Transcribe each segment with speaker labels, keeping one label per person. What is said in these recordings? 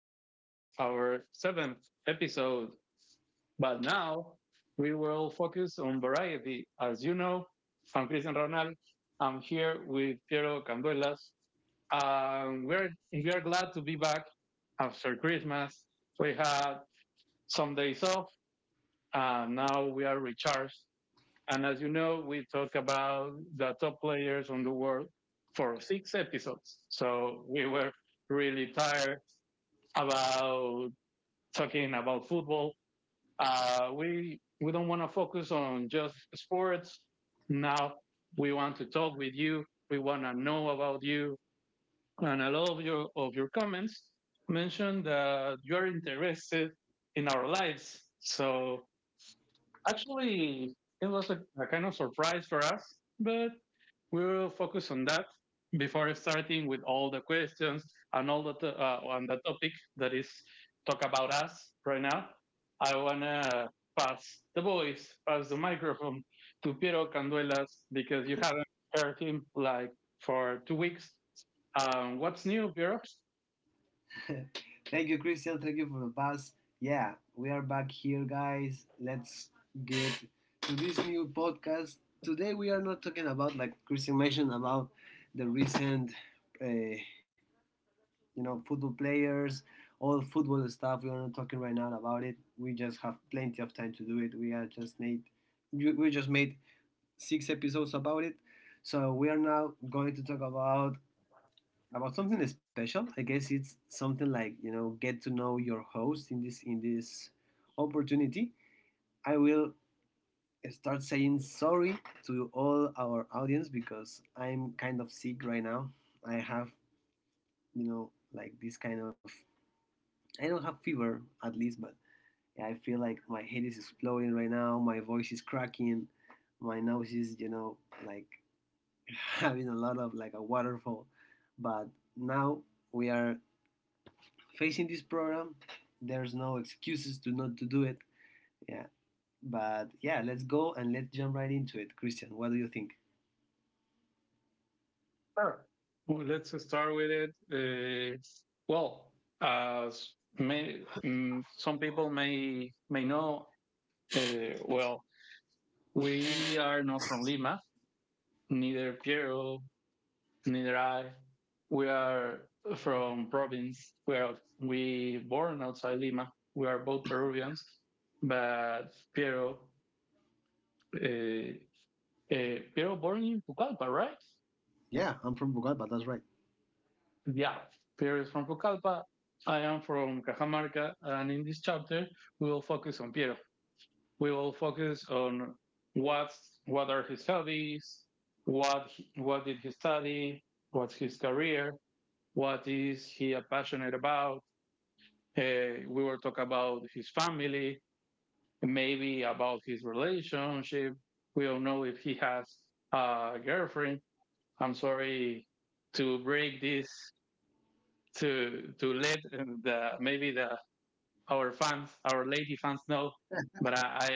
Speaker 1: This is our seventh episode, but now we will focus on variety. As you know, I'm Cristian Ronald. I'm here with Piero Canduelas. We are glad to be back after Christmas. We had some days off, and now we are recharged. And as you know, we talk about the top players on the world for six episodes. So we were really tired about talking about football. We don't want to focus on just sports. Now we want to talk with you. We want to know about you, and a lot of your comments mentioned that you are interested in our lives. So actually, it was a kind of surprise for us, but we will focus on that before starting with all the questions and all the on the topic that is talk about us right now. I wanna pass the voice, pass the microphone to Piero Canduelas because you haven't heard him like for 2 weeks. What's new, Piero?
Speaker 2: Thank you, Christian. Thank you for the pass. Yeah, we are back here, guys. Let's get to this new podcast. Today, we are not talking about, like Christian mentioned, about the recent, uh, you football players, all football stuff. We are not talking right now about it. We just have plenty of time to do it. We just made six episodes about it. So we are now going to talk about something special. I guess it's something like, get to know your host in this opportunity. I will start saying sorry to all our audience because I'm kind of sick right now. I have, like, this kind of, I don't have fever at least, but yeah, I feel like my head is exploding right now. My voice is cracking. My nose is, like, having a lot of, like, a waterfall. But now we are facing this program. There's no excuses to not to do it. Yeah, but yeah, let's go and let's jump right into it. Christian, what do you think?
Speaker 1: Sure. Well, let's start with it. Well, as some people may know, uh, well, we are not from Lima. Neither Piero, neither I. We are from province. We born outside Lima. We are both Peruvians, but uh, Piero born in Pucallpa, right?
Speaker 2: Yeah, I'm from Bogotá, but that's right.
Speaker 1: Yeah, Pierre is from Pucallpa. I am from Cajamarca, and in this chapter, we will focus on Piero. We will focus on what are his hobbies, what did he study, what's his career, what is he passionate about. We will talk about his family, maybe about his relationship. We don't know if he has a girlfriend. I'm sorry to break this to let the maybe the our fans, our lady fans know. But I I,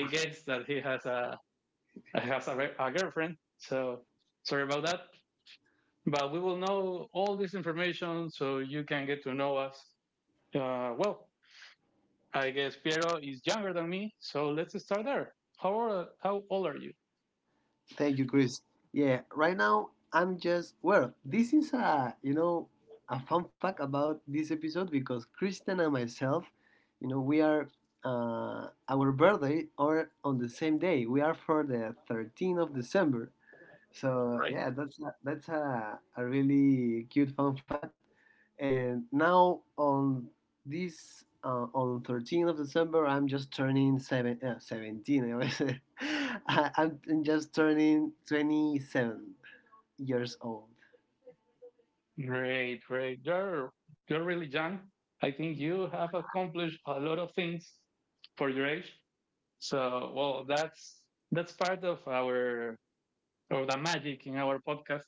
Speaker 1: I guess that he has a girlfriend. So sorry about that. But we will know all this information so you can get to know us. Well, I guess Piero is younger than me, so let's start there. How old are you?
Speaker 2: Thank you, Chris. Yeah, right now I'm just, well, this is a, a fun fact about this episode because Christian and myself, you know, we are, our birthday are on the same day. We are for the 13th of December. So
Speaker 1: Right.
Speaker 2: yeah, that's a really cute fun fact. And now on this, on 13th of December, I'm just turning 17. I'm just turning 27 years old.
Speaker 1: Great, great. You're really young. I think you have accomplished a lot of things for your age. So, well, that's part of our of the magic in our podcast.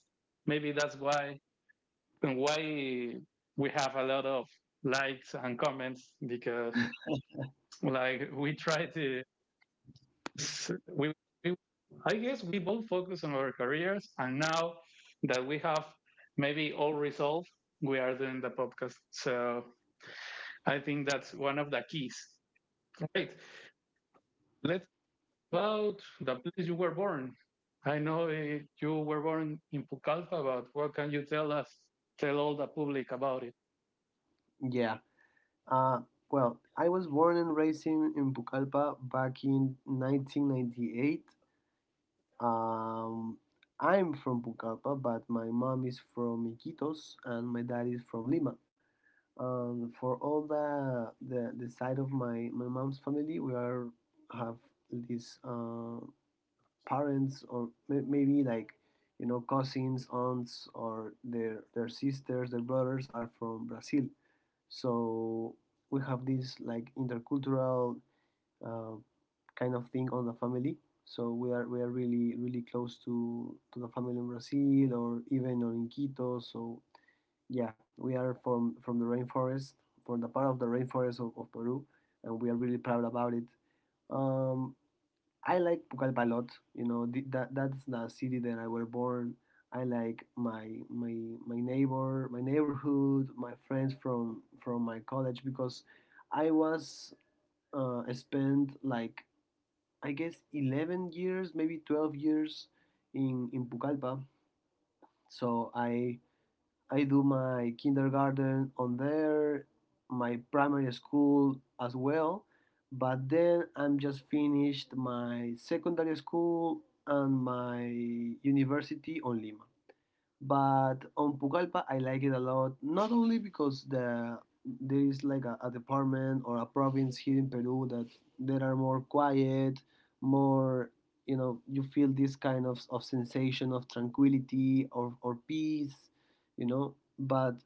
Speaker 1: Maybe that's why and why we have a lot of likes and comments because like we try to we, we I guess we both focus on our careers and now that we have maybe all resolved, we are doing the podcast. So I think that's one of the keys. Right. Let's about the place you were born. I know you were born in Pucallpa, but what can you tell us? Tell all the public about it.
Speaker 2: Yeah. Uh, well, I was born and raised in Pucallpa back in 1998. Um, I'm from Pucallpa, but my mom is from Iquitos and my dad is from Lima. And for all the side of my mom's family, we are have these, parents, or maybe like, cousins, aunts, or their sisters, their brothers are from Brazil. So we have this like intercultural, uh, kind of thing on the family. So we are really really close to the family in Brazil or even on in Quito. So yeah, we are from the rainforest, from the part of the rainforest of Peru, and we are really proud about it. Um, I like Pucallpa a lot. You know, the, that that's the city that I was born. I like my neighborhood, my friends from my college because I was spent like, I guess, 11 years, maybe 12 years in Pucallpa. So I do my kindergarten on there, my primary school as well, but then I'm just finished my secondary school and my university on Lima. But on Pucallpa, I like it a lot. Not only because there is like a department or a province here in Peru that are more quiet, more, you know, you feel this kind of sensation of tranquility, or peace, you know. But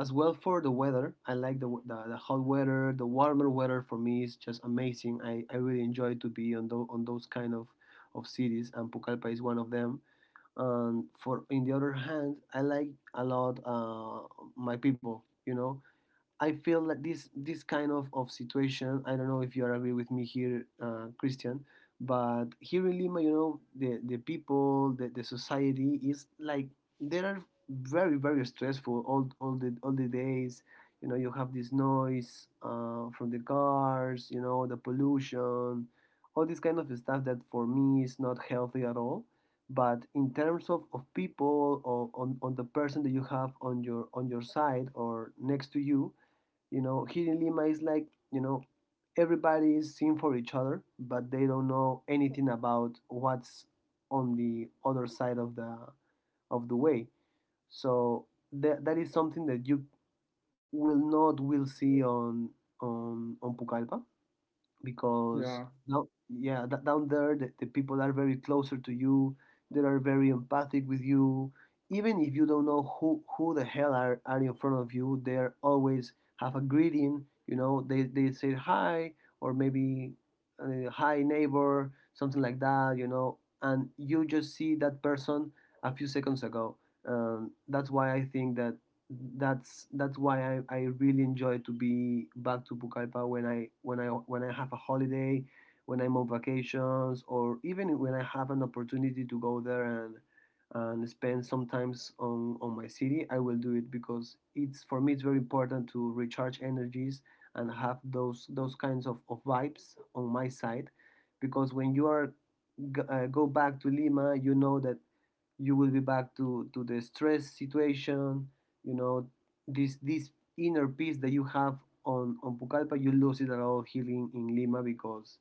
Speaker 2: as well for the weather, I like the hot weather. The warmer weather for me is just amazing. I really enjoy to be on those kind of cities, and Pucallpa is one of them. And for in the other hand, I like a lot, my people. You know, I feel that this kind of situation, I don't know if you are agree with me here, Christian, but here in Lima, you know, the people, the society is like they are very very stressful all the days. You know, you have this noise, from the cars, you know, the pollution, all this kind of stuff that for me is not healthy at all. But in terms of people or on the person that you have on your side or next to you, you know, here in Lima is like, you know, everybody is seeing for each other, but they don't know anything about what's on the other side of the way. So that is something that you will not will see on Pucallpa. Because
Speaker 1: Yeah,
Speaker 2: now, yeah, that down there, the people are very closer to you. They are very empathic with you. Even if you don't know who the hell are in front of you, they are always have a greeting. You know, they say hi, or maybe, hi neighbor, something like that. You know, and you just see that person a few seconds ago. That's why I think that that's why I really enjoy to be back to Pucallpa when I have a holiday, when I'm on vacations, or even when I have an opportunity to go there and spend sometimes on my city. I will do it because it's for me it's very important to recharge energies and have those kinds of vibes on my side, because when you are go back to Lima. You know that you will be back to the stress situation. you know this inner peace that you have on Pucallpa, you lose it at all here in Lima, because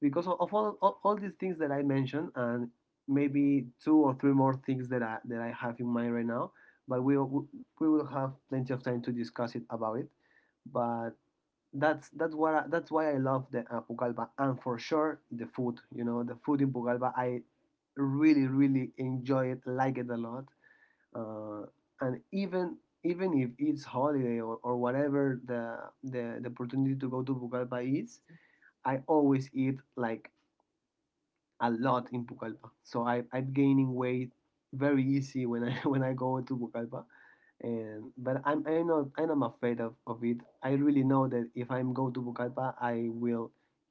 Speaker 2: because of, all, all all these things that I mentioned, and maybe two or three more things that I have in mind right now. But we will have plenty of time to discuss it about it. But that's why I love the Pucallpa. And for sure, the food, you know, the food in Pucallpa, I really really enjoy it, like it a lot. uh, and even if it's holiday, or whatever, the opportunity to go to Pucallpa is, I always eat like a lot in Pucallpa. So I'm gaining weight very easy when I when I go to Pucallpa. And but I know I'm not afraid of it. I really know that if I go to Pucallpa, I will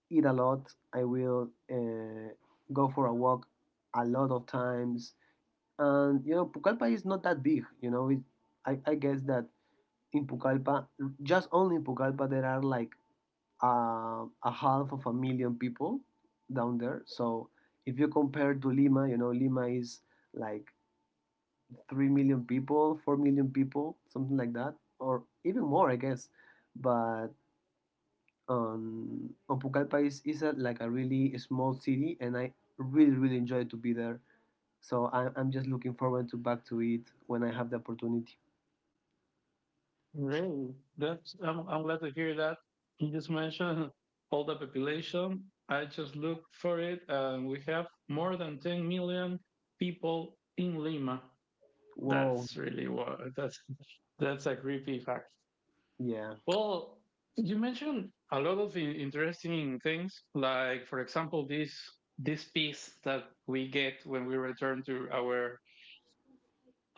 Speaker 2: eat a lot. I will, go for a walk a lot of times. And you know Pucallpa is not that big. You know it, I guess that in Pucallpa, just only in Pucallpa, there are like, a half of a million people down there. So if you compare to Lima, you know Lima is like 3 million people 4 million people, something like that, or even more, I guess. But on Pucallpa is like a really small city, and I really really enjoy to be there. So I'm just looking forward to back to it when I have the opportunity.
Speaker 1: really. I'm glad to hear that. You just mentioned all the population. I just looked for it, and we have more than 10 million people in Lima.
Speaker 2: Well,
Speaker 1: That's really what. That's a creepy fact.
Speaker 2: yeah,
Speaker 1: Well, you mentioned a lot of interesting things, like for example, this peace that we get when we return to our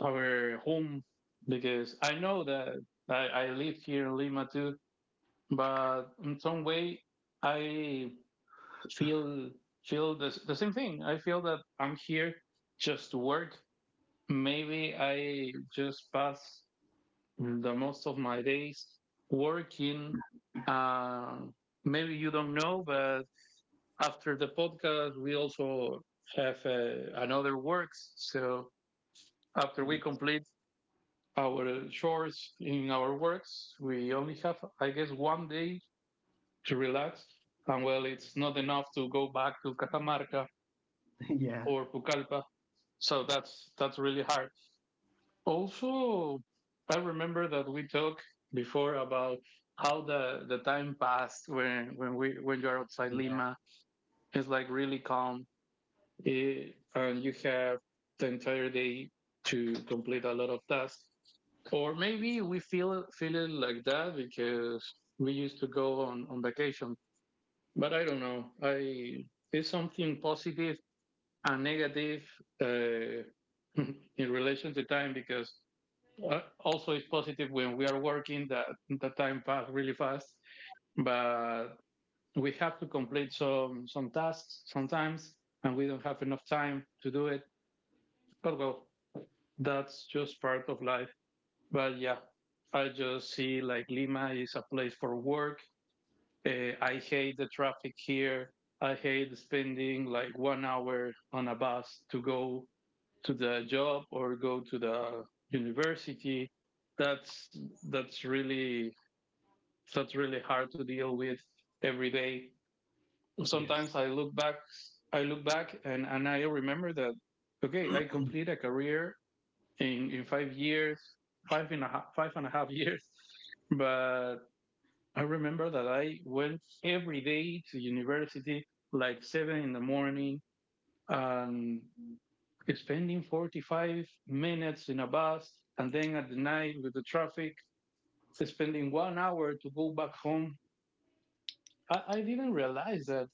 Speaker 1: our home. Because I know that I live here in Lima too, but in some way I feel feel the same thing. I feel that I'm here just to work. Maybe I just pass the most of my days working. Uh, maybe you don't know, but after the podcast, we also have another works. So after we
Speaker 2: y-
Speaker 1: complete our chores in our works, we only have, I guess, one day to relax. And well, it's not enough to go back to Catamarca
Speaker 2: yeah,
Speaker 1: or Pucallpa. So that's really hard. Also, I remember that we talked before about how the time passed when you're outside
Speaker 2: yeah,
Speaker 1: Lima. It's like really calm and you have the entire day to complete a lot of tasks. Or maybe we feel it like that because we used to go on vacation. But I don't know. I It's something positive and negative uh, in relation to time because also it's positive when we are working that the time pass really fast, but we have to complete some tasks sometimes and we don't have enough time to do it. But well, that's just part of life. But yeah, I just see like Lima is a place for work. I hate the traffic here. I hate spending like 1 hour on a bus to go to the job or go to the university. That's that's really that's really hard to deal with every day.
Speaker 2: yes.
Speaker 1: Sometimes I look back, and I remember that okay, I complete a career in 5 years, five and a half, years, but I remember that I went every day to university like seven in the morning and spending 45 minutes in a bus and then at the night with the traffic spending 1 hour to go back home. I didn't realize that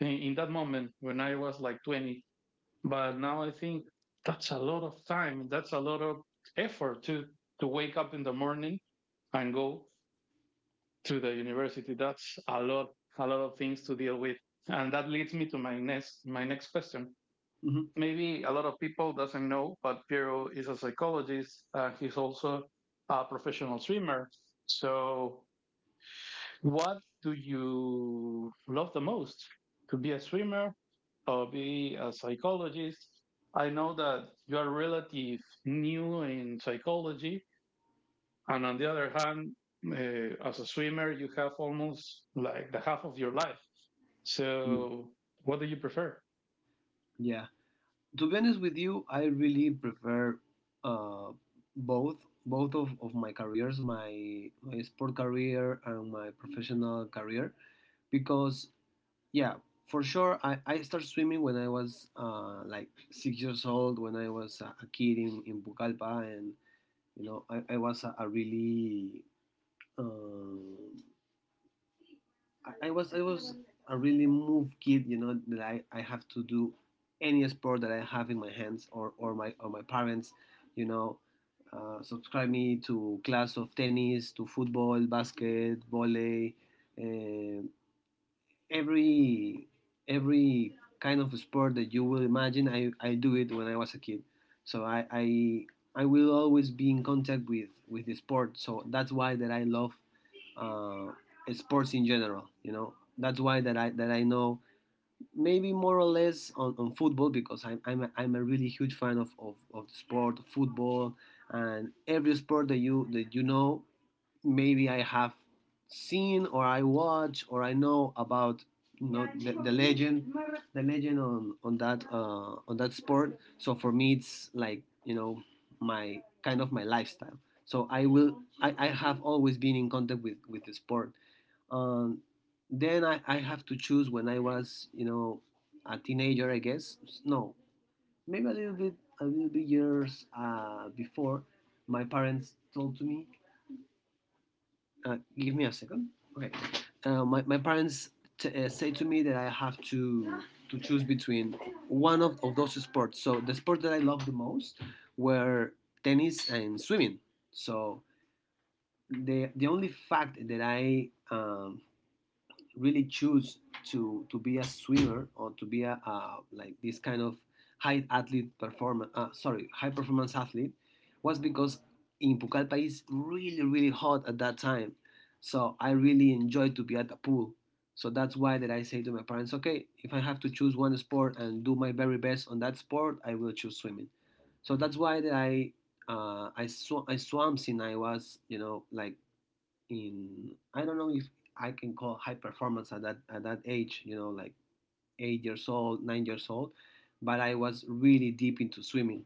Speaker 1: in that moment when I was like 20, but now I think that's a lot of time. That's a lot of effort to wake up in the morning and go to the university. That's a lot of things to deal with. And that leads me to my my next question.
Speaker 2: Mm-hmm.
Speaker 1: Maybe a lot of people doesn't know, but Piero is a psychologist. He's also a professional swimmer. So what do you love the most? To be a swimmer or be a psychologist? I know that you are relative new in psychology, and on the other hand, as a swimmer, you have almost like the half of your life.
Speaker 2: Yeah.
Speaker 1: So, what do you prefer?
Speaker 2: Yeah. To be honest with you, I really prefer, uh, both both of my careers, my sport career and my professional career, because yeah, for sure, I started swimming when I was, like, 6 years old, when I was a kid in Pucallpa, and you know uh, I was a really moved kid, you know, that I have to do any sport that I have in my hands, or my parents, you know, subscribe me to class of tennis, to football, basket, volley, um every every kind of sport that you will imagine. I do it when I was a kid. So I will always be in contact with the sport. So that's why that I love, uh, sports in general. You know, that's why that I know maybe more or less on football because I'm a really huge fan of the sport football. And every sport that you know, maybe I have seen or I watch or I know about, you know the, the legend the legend on that sport. So for me it's like, my kind of my lifestyle. So I have always been in contact with the sport. Um, then I have to choose when I was, a teenager, I guess. No, maybe a little bit years, before, my parents told to me, give me a second. Okay. My parents say to me that I have to choose between one of those sports. So the sport that I loved the most were tennis and swimming. So the only fact that I really choose to be a swimmer or to be a like this kind of high performance athlete was because in Pucallpa is really really hot at that time, so I really enjoy to be at the pool. So that's why that I say to my parents, okay, if I have to choose one sport and do my very best on that sport, I will choose swimming. So that's why that I I swam since I was, you know, like, in, I don't know if I can call high performance at that age, you know, like 8 years old, 9 years old, but I was really deep into swimming,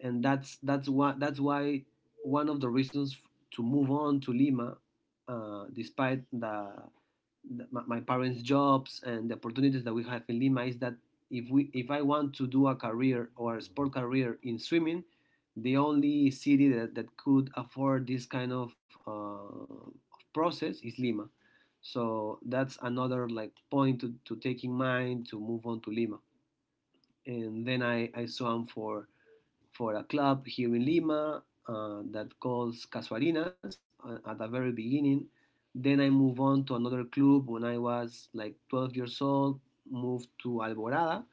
Speaker 2: and that's why one of the reasons to move on to Lima, despite the my parents' jobs and the opportunities that we have in Lima, is that if we if I want to do a career or a sport career in swimming, the only city that could afford this kind of process is Lima. So that's another like point to take in mind to move on to Lima. And then I swam for a club here in Lima that calls Casuarinas at the very beginning. Then I move on to another club when I was like 12 years old, moved to Alborada,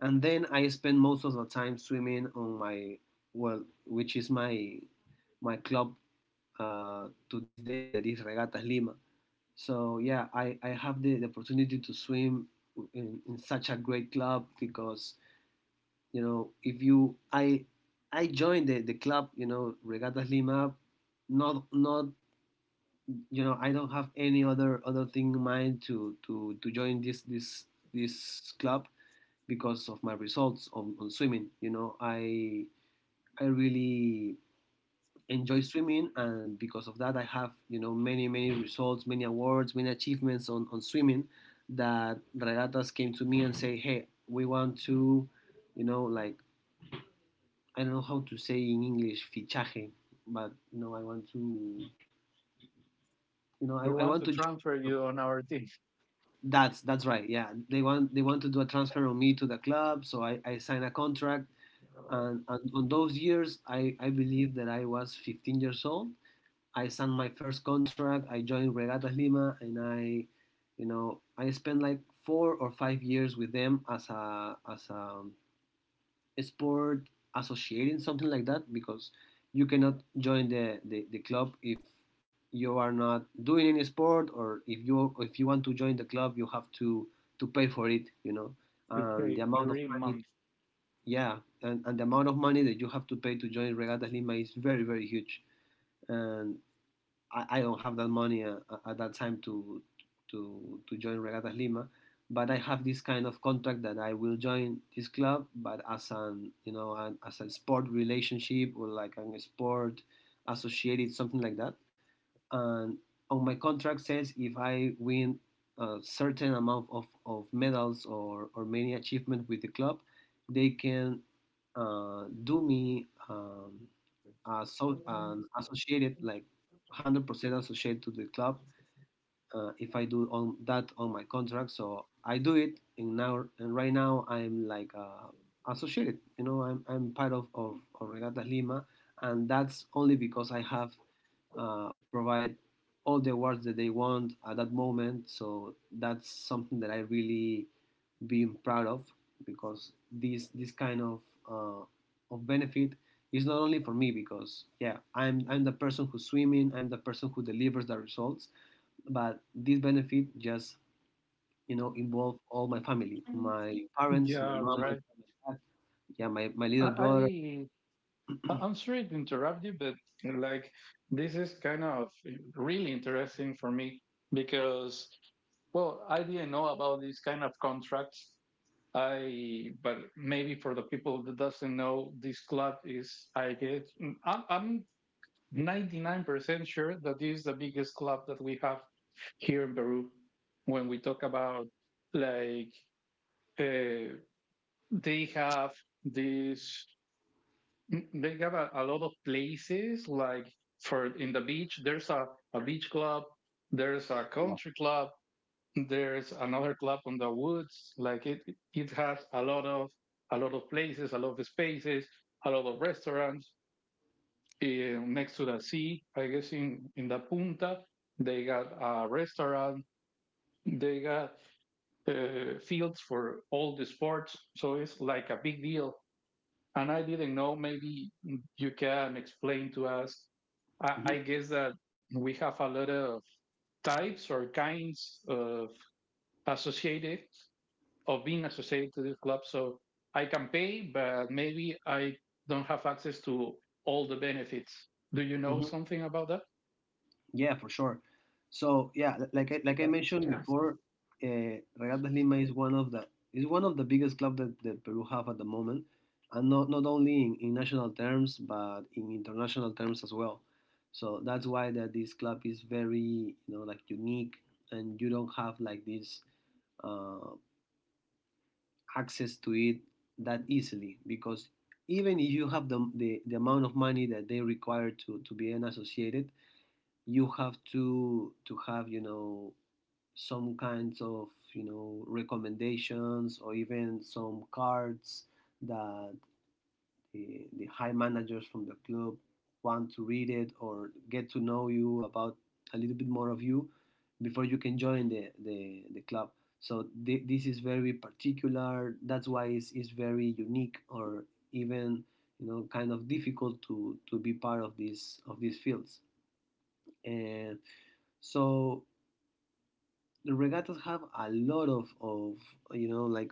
Speaker 2: and then I spend most of the time swimming on my, well, which is my my club to this day, that is Regatas Lima. So yeah, I have the opportunity to swim in such a great club because, you know, if you I joined the club, you know, Regatas Lima, not, I don't have any other thing in mind to to join this club. Because of my results on swimming, I really enjoy swimming, and because of that I have, you know, many many results, many awards, many achievements on swimming, that Regatas came to me and say, hey, we want to, you know, like, I don't know how to say in English, fichaje, but no, I want to, you know,
Speaker 1: We
Speaker 2: I
Speaker 1: want
Speaker 2: want
Speaker 1: to
Speaker 2: to.
Speaker 1: transfer you on our team
Speaker 2: That's right. Yeah, they want, they want to do a transfer on me to the club, so I signed a contract. And on those years, I believe that I was 15 years old. I signed my first contract. I joined Regatas Lima, and I, you know, I spent like 4 or 5 years with them as a sport associating, something like that, because you cannot join the club if you are not doing any sport. Or if you, if you want to join the club, you have to pay for it, you know.
Speaker 1: to
Speaker 2: And the
Speaker 1: take
Speaker 2: amount of
Speaker 1: every
Speaker 2: money.
Speaker 1: month.
Speaker 2: Yeah. And the amount of money that you have to pay to join Regatas Lima is very very huge. And I don't have that money at that time to to join Regatas Lima, but I have this kind of contract that I will join this club, but as an, you know, an, as a sport relationship or like a sport associated, something like that. And on my contract says if I win a certain amount of medals or many achievements with the club, they can do me associated like 100% associated to the club if I do on that, on my contract. So I do it in now, and right now I'm like, associated, you know, I'm part of Regatta Lima, and that's only because I have provide all the awards that they want at that moment. So that's something that I really being proud of, because this kind uh, of benefit is not only for me, because, yeah, I'm the person who's swimming, I'm the person who delivers the results, but this benefit just, you know, involve all my family, my parents, my
Speaker 1: Yeah,
Speaker 2: mom, my
Speaker 1: right.
Speaker 2: dad. Yeah, my
Speaker 1: I,
Speaker 2: little
Speaker 1: I
Speaker 2: brother.
Speaker 1: I'm sorry to interrupt you, but like this is kind of really interesting for me because, well, I didn't know about this kind of contracts. But maybe for the people that doesn't know, this club is, I guess, I'm 99% sure that this is the biggest club that we have here in Peru. When we talk about like, uh, they have this They got a lot of places like for in the beach. There's a beach club. There's a
Speaker 2: Yeah.
Speaker 1: country club. There's another club on the woods. It has a lot of places, a lot of spaces, a lot of restaurants next to the sea. I guess in the Punta they got a restaurant. They got fields for all the sports. So it's like a big deal. And I didn't know. Maybe you can explain to us. I,
Speaker 2: Mhm,
Speaker 1: I guess that we have a lot of types or kinds of associated of being associated to this club. So I can pay, but maybe I don't have access to all the benefits. Do you know
Speaker 2: mhm.
Speaker 1: something about that?
Speaker 2: Yeah, for sure. So yeah, like I mentioned before, Regatas Lima is one of the is one of the biggest club that, that Peru have at the moment, and not only in national terms, but in international terms as well. So that's why that this club is very, you know, like, unique, and you don't have like this uh, access to it that easily, because even if you have the amount of money that they require to be an associated, you have to have, you know, some kinds of, you know, recommendations or even some cards that the high managers from the club want to read it or get to know you about a little bit more of you before you can join the the club. So this is very particular. That's why it's very unique, or even, you know, kind of difficult to be part of this of these fields. And so the Regattas have a lot of, you know, like,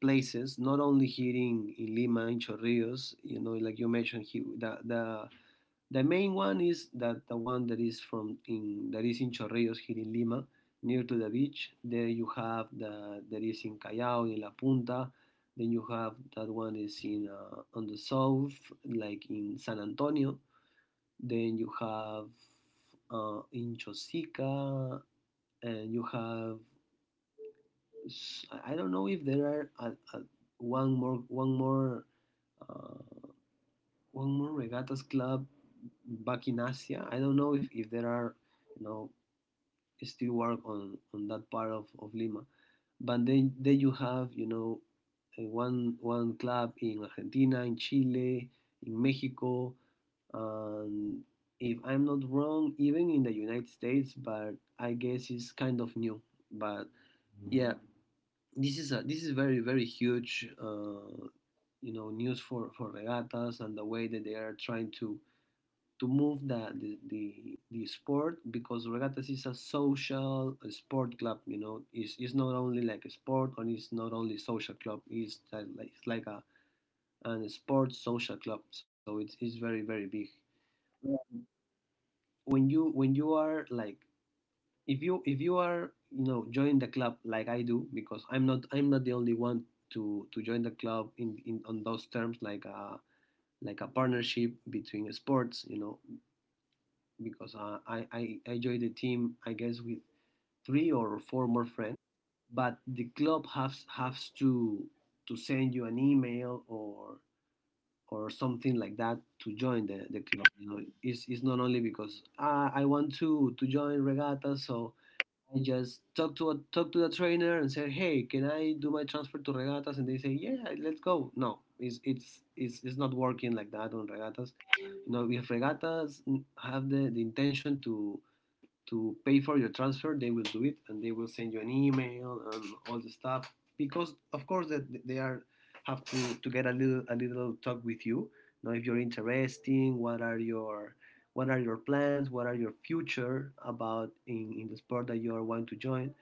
Speaker 2: places, not only here in Lima, in Chorrillos. You know, like you mentioned here, the main one is that the one that is from in that is in Chorrillos here in Lima near to the beach. There you have the that is in Callao, in La Punta. Then you have that one is in on the south, like in San Antonio. Then you have in Chosica, and you have, I don't know if there are a, one more one more uh, one more Regattas club back in Asia. I don't know if there are, you know, still work on that part of Lima. But then you have, you know, one club in Argentina, in Chile, in Mexico, and, if I'm not wrong, even in the United States. But I guess it's kind of new. But yeah, this is a this is very very huge you know news for Regattas and the way that they are trying to move the the sport, because Regattas is a social sport club, you know, it's not only like a sport, and it's not only social club, it's like it's like a an sports social club. So it's very very big when you are like, if you are, you know, join the club like I do, because I'm not the only one to join the club in on those terms, like a partnership between sports, you know. Because I I joined the team, I guess, with three or four more friends, but the club has to send you an email or something like that to join the club. You know, it's not only because, ah, I want to join Regatta, so I just talk to a, talk to the trainer and say, "Hey, can I do my transfer to Regattas?" And they say, "Yeah, yeah, let's go." No, it's it's not working like that on Regattas. You know, if Regattas have the intention to pay for your transfer, they will do it, and they will send you an email and all the stuff, because of course that they are have to get a little talk with you now. If you're interesting, what are your plans, what are your future about in the sport that you are want to join.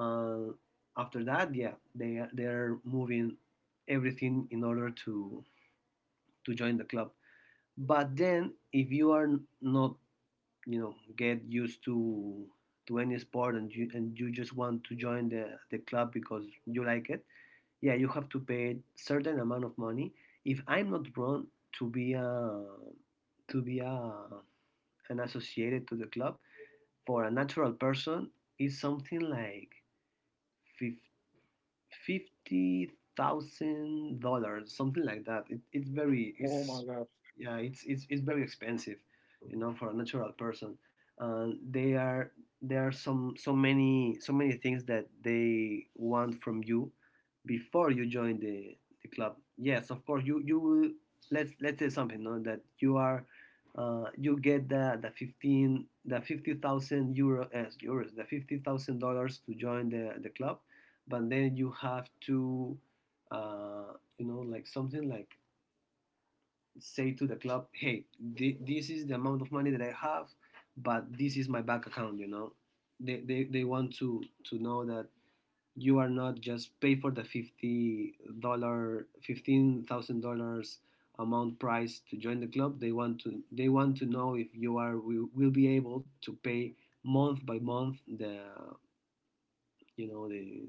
Speaker 2: Uh, After that, yeah, they are moving everything in order to join the club. But then if you are not, you know, get used to any sport, and you just want to join the club because you like it, yeah, you have to pay certain amount of money, if I'm not wrong, to be a an associated to the club. For a natural person, is something like $50,000, something like that. It, it's very
Speaker 1: Oh
Speaker 2: it's
Speaker 1: my God,
Speaker 2: yeah, it's very expensive, you know, for a natural person. And they are there are some so many so many things that they want from you before you join the club. Yes, of course, you will, let's say something, no, that you are. You get the 15 the €50,000 as euros the $50,000 to join the club, but then you have to like something like say to the club, hey, this is the amount of money that I have, but this is my bank account. They want to know that you are not just pay for the $50 $15,000 amount price to join the club. They want to, know if you will be able to pay month by month the, you know the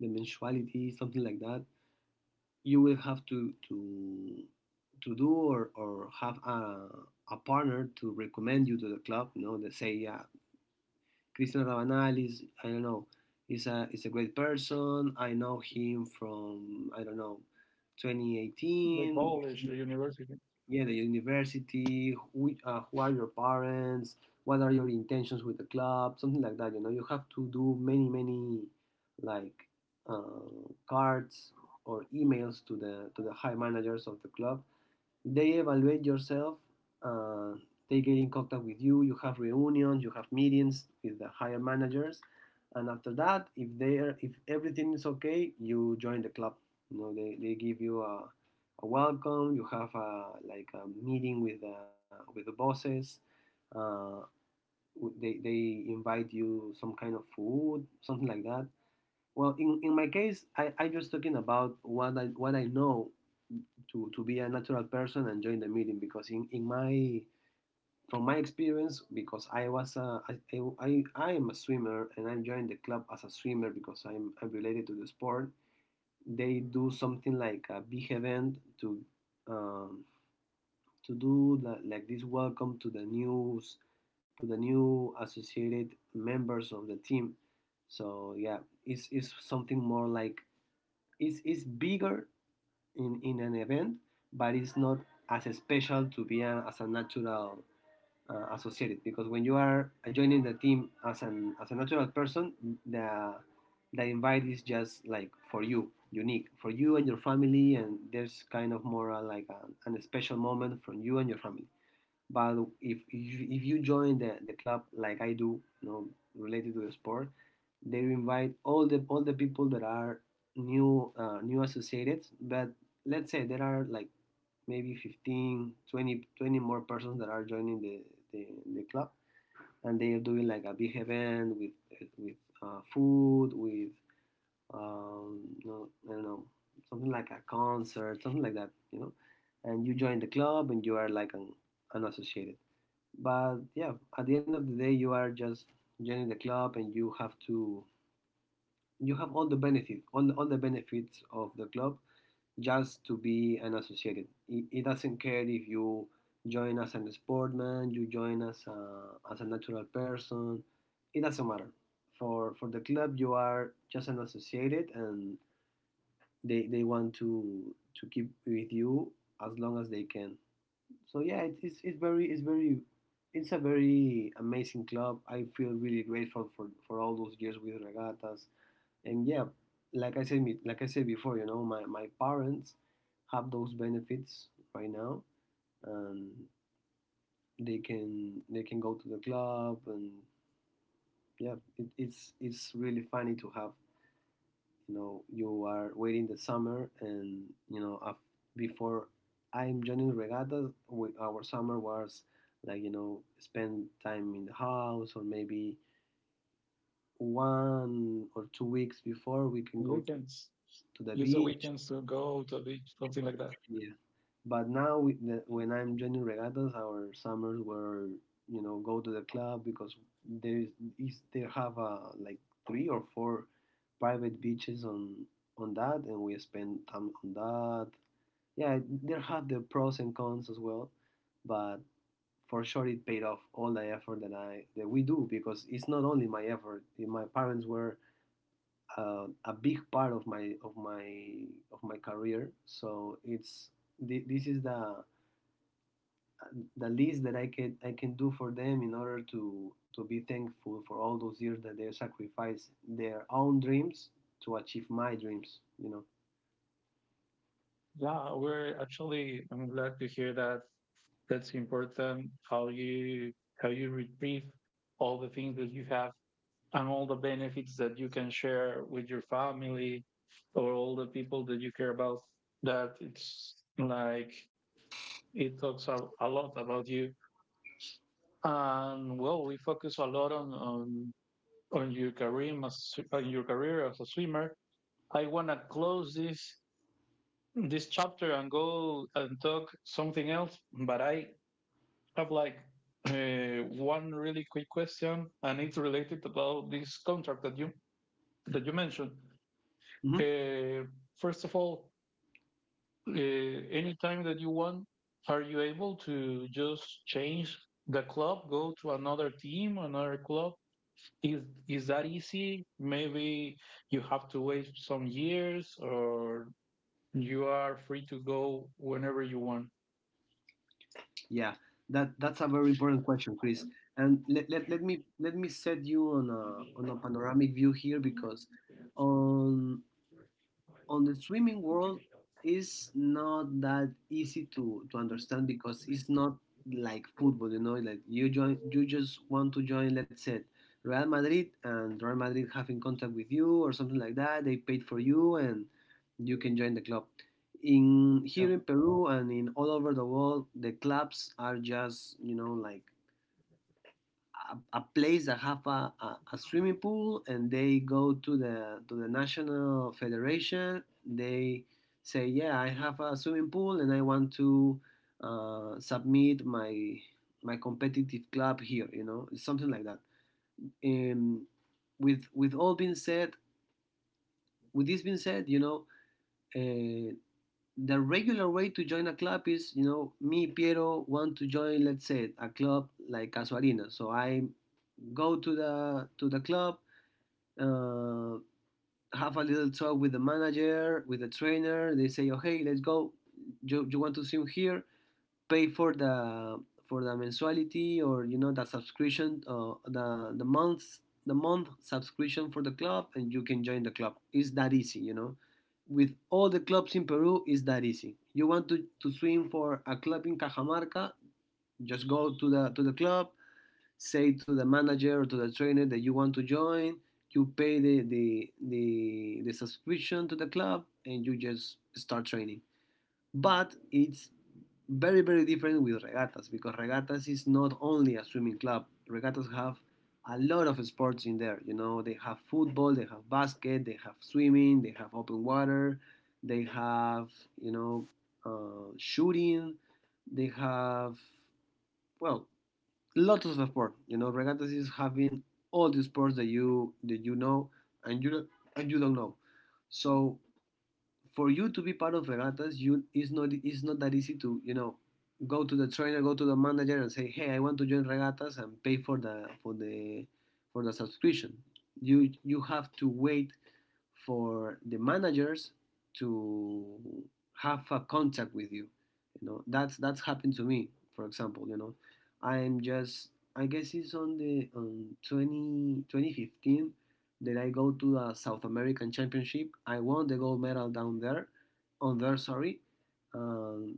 Speaker 2: the mensuality, something like that. You will have to do, or have a partner to recommend you to the club. They say, yeah, Cristian Rabanal is, I don't know, is a, great person. I know him from, I don't know, 2018. Yeah, the university. Who are your parents, what are your intentions with the club, something like that. You know, you have to do many, many, like, cards or emails to the high managers of the club. They evaluate yourself. uh, they get in contact with you, you have reunions, you have meetings with the higher managers. And after that, if they are, if everything is okay, you join the club. You know, they give you a welcome. You have a, like, a meeting with the bosses. uh, they invite you some kind of food, something like that. Well, in my case, I just talking about what I know. To be a natural person and join the meeting, because in my from my experience. Because I am a swimmer, and I joined the club as a swimmer because I'm related to the sport. They do something like a big event to, um, to do like this welcome to the news to the new associated members of the team. So yeah, it's something more like, it's bigger in, an event. But it's not as special to be as a natural, associated, because when you are joining the team as a natural person, the the invite is just like for you, unique for you and your family, and there's kind of more, like, an special moment from you and your family. But if you join the club like I do, related to the sport, they invite all the people that are new, new associated. But let's say there are, like, maybe 15, 20 more persons that are joining the, the club, and they are doing, like, a big event with, with food, with, I don't know, something like a concert, something like that. And you join the club, and you are, like, unassociated. But yeah, at the end of the day, you are just joining the club, and you have all the benefits, all the benefits of the club, just to be unassociated. It doesn't care if you join as an sportman, you join as as a natural person, it doesn't matter. For the club, you are just an associated, and they want to keep with you as long as they can. So yeah, it's a very amazing club. I feel really grateful for all those years with Regatas. And yeah, like I said before, my parents have those benefits right now, and they can go to the club. And yeah, it's really funny to have, you know, you are waiting the summer. And you know af- before I'm joining regatta, our summer was, like, spend time in the house, or maybe 1 or 2 weeks before we can go
Speaker 1: you can
Speaker 2: to the
Speaker 1: use a
Speaker 2: beach.
Speaker 1: weekend, go to the beach, something like that.
Speaker 2: Yeah, but now, when I'm joining Regattas, our summers were, go to the club, because there is they have, like, three or four private beaches on that, and we spend time on that. Yeah, they have their pros and cons as well, but for sure it paid off all the effort that we do, because it's not only my effort. My parents were, a big part of my career, so it's this is the least that I can do for them, in order to be thankful for all those years that they sacrificed their own dreams to achieve my dreams. You know.
Speaker 1: Yeah, we're actually, I'm glad to hear that. That's important how you retrieve all the things that you have and all the benefits that you can share with your family or all the people that you care about, that it's like it talks a lot about you. And well, we focus a lot on your on your career as a swimmer. I want to close this chapter and go and talk something else, but I have like one really quick question, and it's related about this contract that you mentioned.
Speaker 2: Mhm.
Speaker 1: Uh, First of all, uh, anytime that you want, are you able to just change the club, go to another team, another club? Is is that easy? Maybe you have to wait some years, or you are free to go whenever you want.
Speaker 2: Yeah, that's a very important question, Chris. And let me set you on a panoramic view here, because on on the swimming world is not that easy to understand, because it's not like football. You know, like, you just want to join, let's say, Real Madrid, and Real Madrid have in contact with you or something like that. They paid for you and you can join the club. In here in Peru, and in all over the world, the clubs are just, you know, like a place that have a swimming pool, and they go to the national federation. They say, yeah, I have a swimming pool and I want to, submit my competitive club here, you know, something like that. um, with with all being said with this being said, you know, uh, the regular way to join a club is, you know, me, Piero, want to join, let's say, a club like Casuarina. So I go to the club, uh, have a little talk with the manager, with the trainer. They say, okay, let's go. You want to swim here? Pay for the mensuality, or, you know, the subscription, the months the month subscription for the club, and you can join the club. It's that easy, you know, with all the clubs in Peru. It's that easy. You want to swim for a club in Cajamarca? Just go to the club, say to the manager or to the trainer that you want to join. You pay the subscription to the club, and you just start training. But it's very, very different with Regatas, because Regatas is not only a swimming club. Regatas have a lot of sports in there, you know. They have football, they have basket, they have swimming, they have open water, they have, you know, shooting, they have, well, lots of sport. You know, Regatas is having all the sports that you know, and you, and you don't know. So for you to be part of Regattas, you it's not that easy to, you know, go to the trainer, go to the manager, and say, hey, I want to join Regattas and pay for the for the for the subscription. You have to wait for the managers to have a contact with you. You know, that's happened to me, for example. You know, I'm just I guess it's on 20, 2015. Then I go to the South American Championship. I won the gold medal on there. Sorry. Um,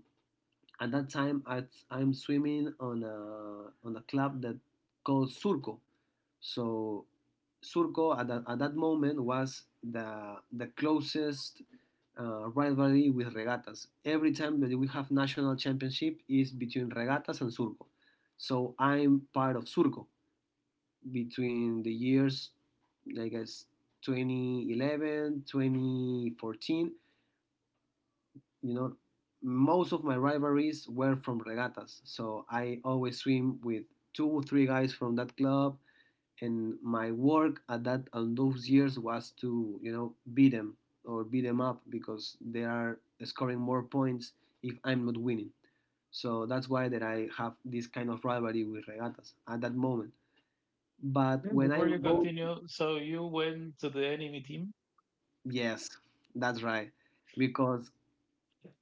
Speaker 2: at that time, I'm swimming on a club that called Surco. So Surco at that moment was the closest, rivalry with Regattas. Every time that we have national championship is between Regattas and Surco. So I'm part of Surco between the years, I guess, 2011, 2014, you know, most of my rivalries were from Regattas. So I always swim with two or three guys from that club. And my work at that on those years was to, you know, beat them, or beat them up because they are scoring more points if I'm not winning. So that's why that I have this kind of rivalry with Regattas at that moment.
Speaker 1: Yeah,
Speaker 2: But when I
Speaker 1: before you
Speaker 2: go.
Speaker 1: continue, so you went to the enemy team?
Speaker 2: Yes, that's right. Because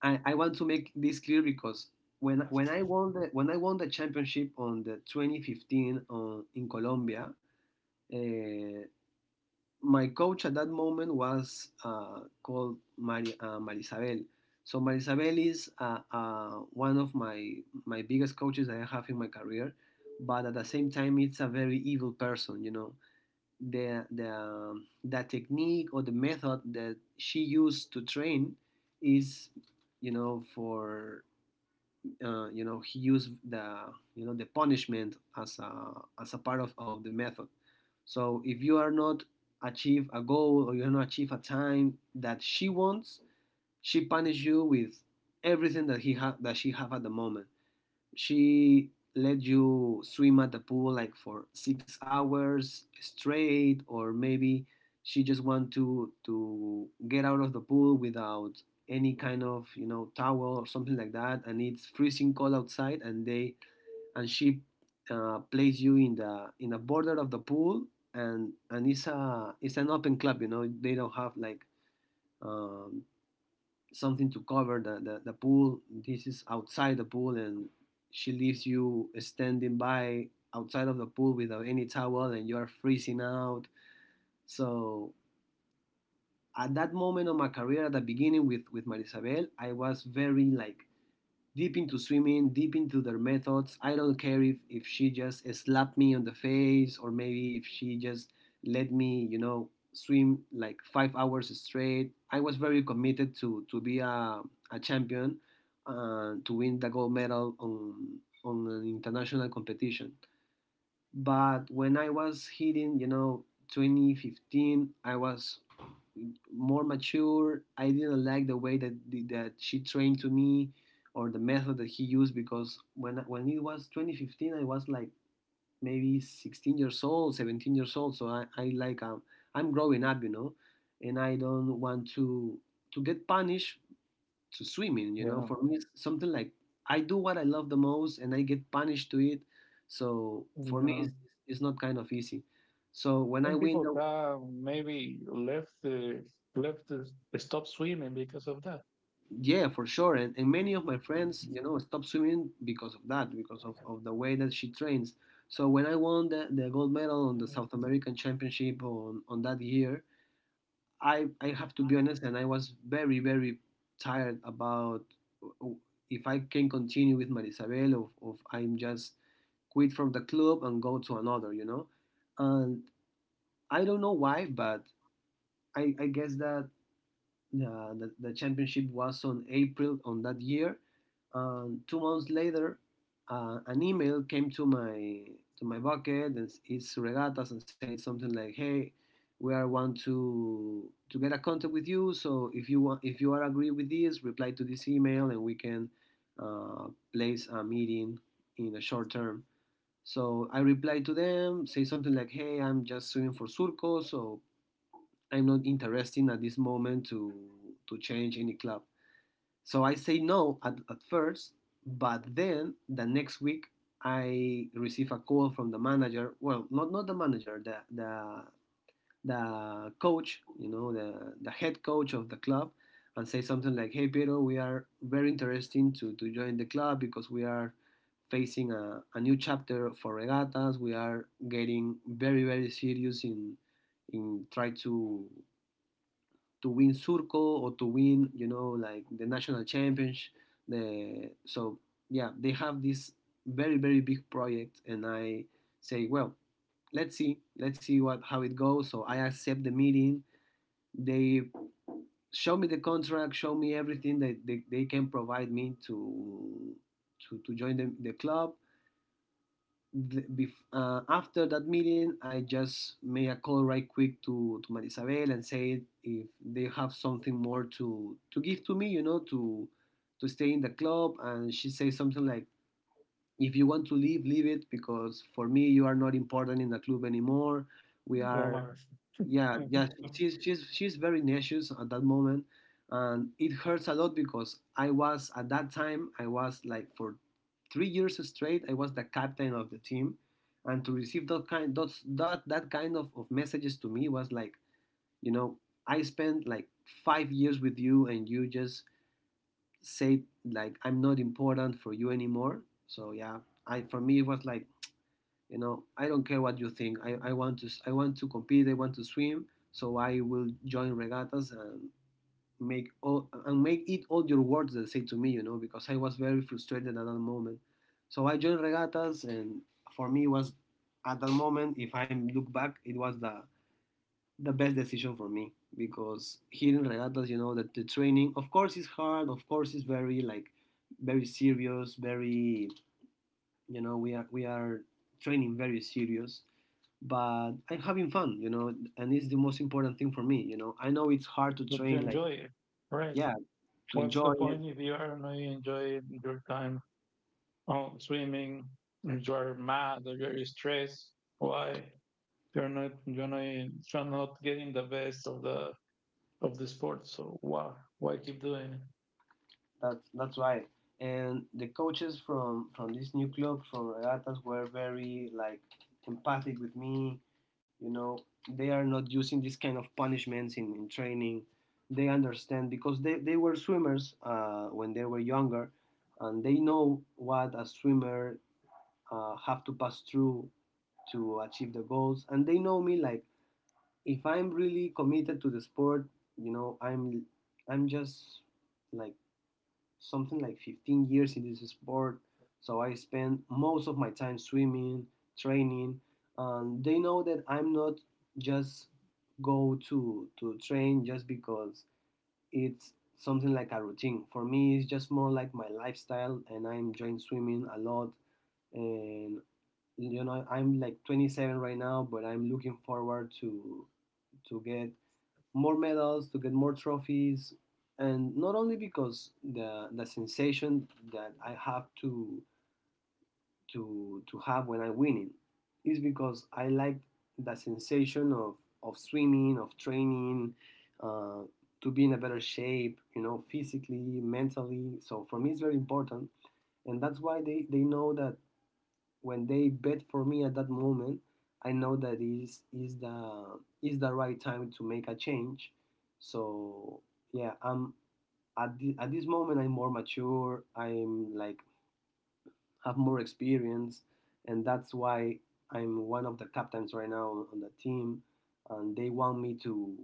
Speaker 2: I want to make this clear, because when I won the when I won the championship on the 2015, in Colombia. uh, my coach at that moment was, called Marisabel. So Marisabel is, one of my biggest coaches that I have in my career, but at the same time, it's a very evil person. You know, the technique or the method that she used to train is, you know, for, he used the the punishment as a, as a of the method. So if you are not achieve a goal, or you're not achieve a time that she wants, she punish you with everything that that she have at the moment. She let you swim at the pool, like, for 6 hours straight, or maybe she just want to get out of the pool without any kind of, you know, towel or something like that. And it's freezing cold outside, and they and she, plays you in the border of the pool. And it's an open club, you know. They don't have, like, um, something to cover the pool. This is outside the pool, and she leaves you standing by outside of the pool without any towel, and you're freezing out. So at that moment of my career, at the beginning with Marisabel, I was very like deep into swimming, deep into their methods. I don't care if she just slapped me on the face or maybe if she just let me, you know, swim like 5 hours straight. I was very committed to be a champion, to win the gold medal on an international competition. But when I was hitting, you know, 2015, I was more mature. I didn't like the way that she trained to me or the method that he used because when it was 2015, I was like maybe 16 years old, 17 years old. So I like I'm growing up, you know, and I don't want to get punished to swimming, you know,
Speaker 1: Yeah,
Speaker 2: for me it's something like I do what I love the most and I get punished to it. So for me
Speaker 1: yeah.
Speaker 2: it's not kind of easy. So when I
Speaker 1: Some
Speaker 2: win
Speaker 1: people
Speaker 2: the,
Speaker 1: die, maybe left the stop swimming because of that.
Speaker 2: yeah, for sure. And many of my friends, you know, stop swimming because of that, because of the way that she trains. So when I won the gold medal on the South American championship on that year, I have to be honest, and I was very very tired about w- if I can continue with Marisabel or if I'm just quit from the club and go to another, you know. And I don't know why, but I guess that the championship was on April on that year. And 2 months later, an email came to my bucket and it's regatas and said something like, "Hey, we are want to get a contact with you. So if you want, if you are agree with this, reply to this email and we can uh, place a meeting in a short term." So I replied to them, say something like, "Hey, I'm just swimming for Surco, so I'm not interested at this moment to change any club. So I say no at first, but then the next week I receive a call from the manager. Well, not the manager, the coach, you know, the head coach of the club, and say something like, "Hey, Pedro, we are very interested to join the club because we are, facing a new chapter for regattas. We are getting very very serious in try to win Surco or to win, you know, like the national championship. The, so yeah, they have this very very big project, and I say, well, let's see what how it goes. So I accept the meeting. They show me the contract, show me everything that they can provide me to join the club the, after that meeting, I just made a call right quick to Maria Isabel and said if they have something more to give to me, you know, to stay in the club. And she said something like, if you want to leave, leave it because for me, you are not important in the club anymore. We are,
Speaker 1: Omar,
Speaker 2: yeah, yeah, she's very nauseous at that moment, and it hurts a lot because I was at that time I was like for 3 years straight I was the captain of the team, and to receive that kind those, that kind of messages to me was like, you know, I spent like 5 years with you and you just say like I'm not important for you anymore. So yeah, I for me it was like, you know, I don't care what you think I want to compete, I want to swim. So I will join regattas and make all and make it all your words that say to me, you know, because I was very frustrated at that moment. So I joined regattas and for me was at that moment if I look back it was the best decision for me because here in regattas, you know, that the training of course is hard, of course it's very like very serious very, you know, we are training very serious, but I'm having fun, you know, and it's the most important thing for me, you know. I know it's hard to
Speaker 1: but you
Speaker 2: train, like,
Speaker 1: enjoy it, right?
Speaker 2: yeah, to
Speaker 1: What's the
Speaker 2: enjoy it.
Speaker 1: point if you are not enjoying your time on swimming? You are mad or you are stressed. Why you're not you're not you're not getting the best of the sport? So why keep doing it?
Speaker 2: That's right. And the coaches from this new club from Regatas were very like empathic with me, you know. They are not using this kind of punishments in training. They understand because they were swimmers when they were younger, and they know what a swimmer have to pass through to achieve the goals. And they know me like if I'm really committed to the sport, you know, I'm just like something like 15 years in this sport, so I spend most of my time swimming, training, and they know that I'm not just go to train just because it's something like a routine. For me, it's just more like my lifestyle, and I'm enjoying swimming a lot. And you know, I'm like 27 right now, but I'm looking forward to get more medals, to get more trophies, and not only because the sensation that I have to have when I am winning is because I like the sensation of swimming, of training, uh, to be in a better shape, you know, physically, mentally. So for me, it's very important, and that's why they know that when they bet for me at that moment, I know that is the right time to make a change. So yeah, I'm at the, at this moment I'm more mature. I'm like have more experience, and that's why I'm one of the captains right now on the team, and they want me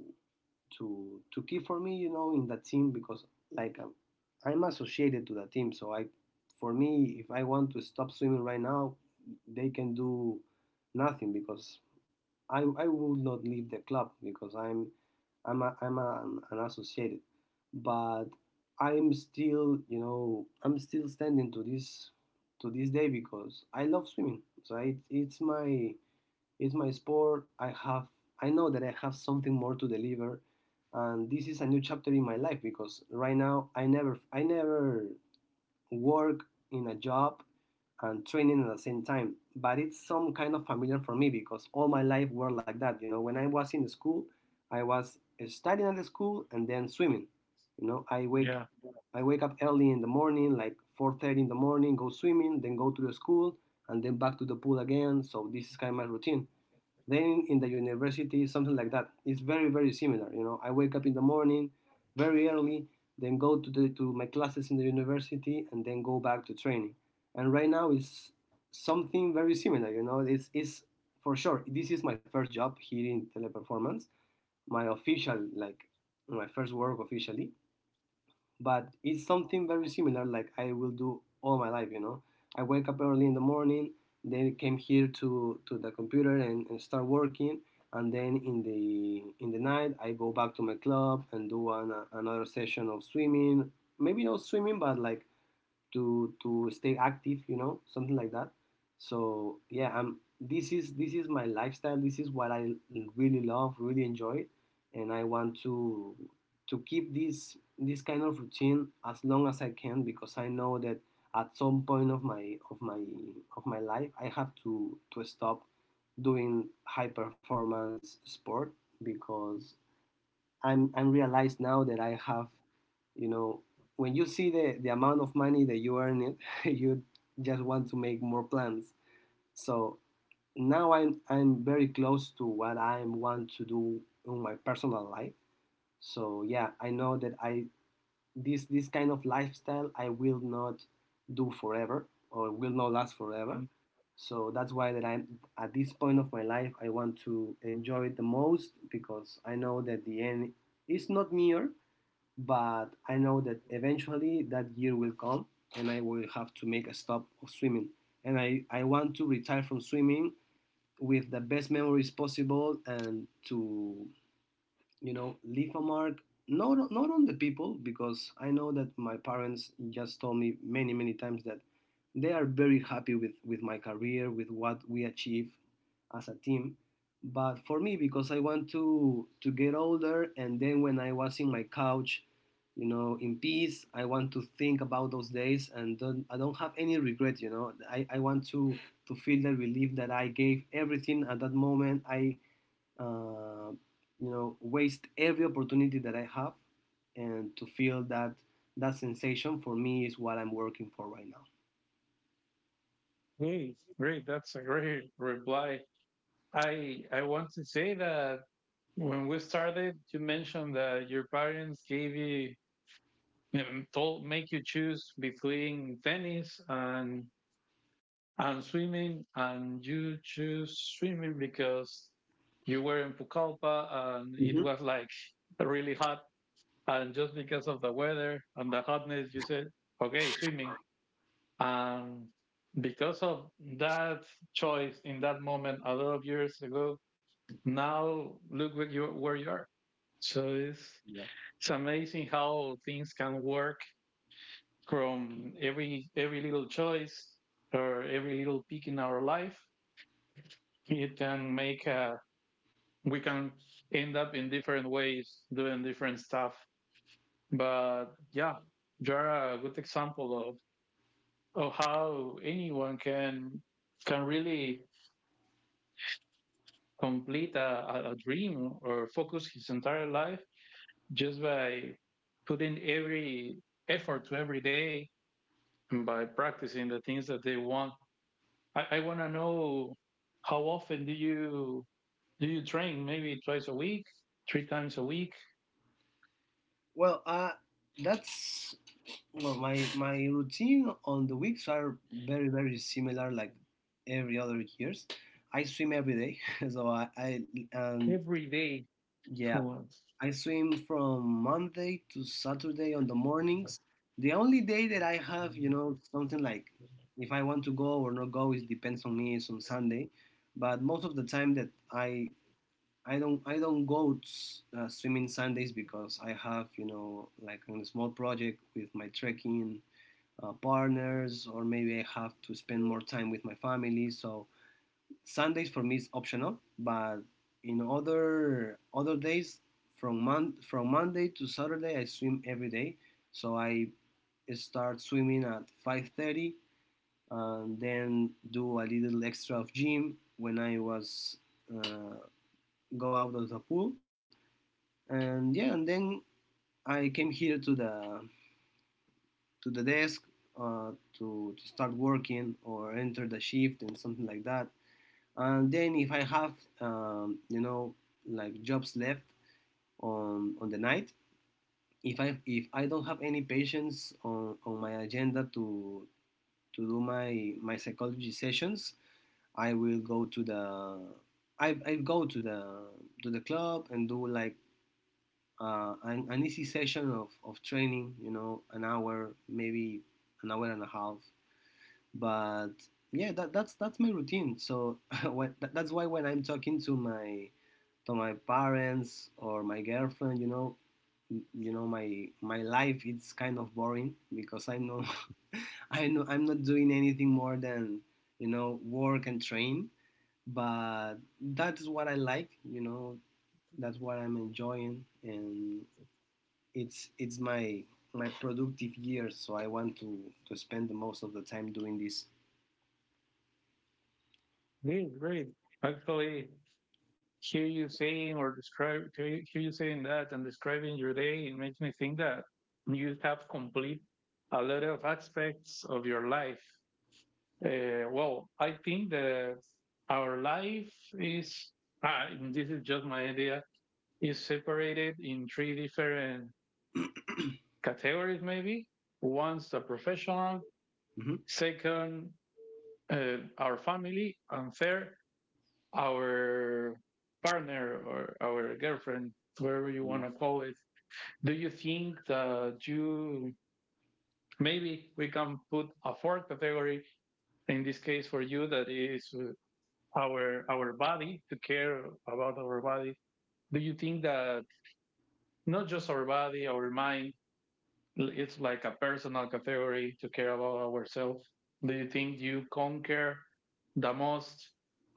Speaker 2: to keep for me, you know, in that team because like I'm associated to that team. So I, for me, if I want to stop swimming right now, they can do nothing because I will not leave the club because I'm I'm a, I'm a, an associated, but I'm still, you know, I'm still standing to this day because I love swimming. So it, it's my sport. I have I know that I have something more to deliver and this is a new chapter in my life because right now I never work in a job and training at the same time. But it's some kind of familiar for me because all my life were like that. You know, when I was in school, I was studying at the school and then swimming. You know, I wake up early in the morning, like 4:30 in the morning, go swimming, then go to the school, and then back to the pool again. So this is kind of my routine. Then in the university, something like that. It's very very similar. You know, I wake up in the morning, very early, then go to the to my classes in the university, and then go back to training. And right now it's something very similar. You know, it's for sure. This is my first job here in Teleperformance, my official like my first work officially, but it's something very similar like I will do all my life, you know. I wake up early in the morning, then came here to the computer and start working, and then in the night I go back to my club and do an, another session of swimming, maybe not swimming but like to stay active, you know, something like that. So yeah I'm this is my lifestyle, this is what I really love really enjoy, and I want to keep this this kind of routine as long as I can because I know that at some point of my of my life I have to stop doing high performance sport because I'm realized now that I have, you know, when you see the amount of money that you earn it you just want to make more plans. So now I'm very close to what I want to do in my personal life. So yeah, I know that I this this kind of lifestyle I will not do forever or will not last forever.
Speaker 1: Um,
Speaker 2: So that's why that I'm at this point of my life I want to enjoy it the most because I know that the end is not near, but I know that eventually that year will come and I will have to make a stop of swimming. And I want to retire from swimming with the best memories possible and to leave a mark, not on the people, because I know that my parents just told me many many times that they are very happy with my career, with what we achieve as a team. But for me, because I want to get older, and then when I was in my couch, in peace, I want to think about those days and don't, I don't have any regret. I want to feel the relief that I gave everything at that moment. I uh, you know waste every opportunity that I have, and to feel that that sensation for me is what I'm working for right now.
Speaker 1: Hey, great. That's a great reply. I want to say that when we started, you mentioned that your parents gave you told make you choose between tennis and swimming, and you choose swimming because you were in Pucallpa and it
Speaker 2: Hmm.
Speaker 1: was like really hot, and just because of the weather and the hotness, you said, "Okay, swimming." And because of that choice in that moment, a lot of years ago, now look where you are. So it's
Speaker 2: Yeah.
Speaker 1: it's amazing how things can work from every little choice or every little peak in our life. It can make a we can end up in different ways doing different stuff. But yeah, you're a good example of how anyone can really complete a dream or focus his entire life just by putting every effort to every day and by practicing the things that they want. I want to know how often do you train? Maybe twice a week, three times a week.
Speaker 2: Well, that's well my routine on the weeks are very very similar, like every other years. I swim every day, so I and yeah I swim from Monday to Saturday on the mornings. The only day that I have, something like if I want to go or not go, it depends on me. It's on Sunday, but most of the time that I don't go swimming Sundays, because I have, a small project with my trekking partners, or maybe I have to spend more time with my family. So Sundays for me is optional, but in other days, from from Monday to Saturday, I swim every day. So I start swimming at 5:30, and then do a little extra of gym when I was, uh, go out of the pool, and yeah, and then I came here to the desk, uh, to start working or enter the shift and something like that. And then if I have, um, you know jobs left on the night, if I don't have any patients on my agenda to do my psychology sessions, I will go to the, I go to the club and do like, an easy session of training, an hour, maybe an hour and a half. But yeah, that's my routine. So that's why, when I'm talking to my parents or my girlfriend, my life, it's kind of boring, because I know I know I'm not doing anything more than, work and train. But that's what I like. That's what I'm enjoying, and it's my productive years. So I want to spend the most of the time doing this.
Speaker 1: Great, great. Actually, hear you saying or describe hear you saying that and describing your day it makes me think that you have complete a lot of aspects of your life. Well, I think that our life is, ah, and this is just my idea, is separated in three different categories, maybe. One's the professional,
Speaker 2: Hmm.
Speaker 1: second, our family, and third, our partner or our girlfriend, whatever you want to
Speaker 2: Yeah.
Speaker 1: call it. Do you think that you, maybe we can put a fourth category in this case for you that is, our body, to care about our body? Do you think that, not just our body, our mind, it's like a personal category to care about ourselves? Do you think you conquer the most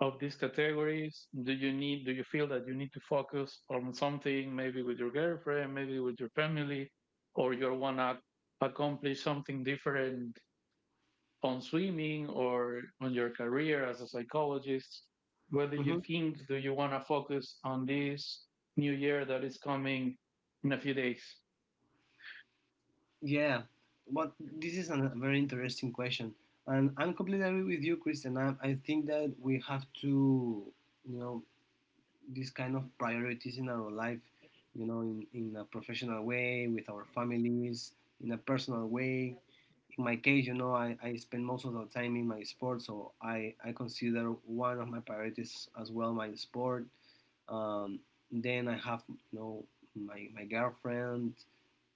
Speaker 1: of these categories? Do you need, do you feel that you need to focus on something? Maybe with your girlfriend, maybe with your family, or you want to accomplish something different on swimming or on your career as a psychologist? What do you
Speaker 2: Hmm.
Speaker 1: think? Do you want to focus on this new year that is coming in a few days?
Speaker 2: Yeah, but this is a very interesting question, and I'm completely agree with you, Christian. I think that we have to, you know, this kind of priorities in our life, you know, in a professional way, with our families, in a personal way. In my case, I spend most of the time in my sport, so I consider one of my priorities as well my sport. Um, then I have, my girlfriend,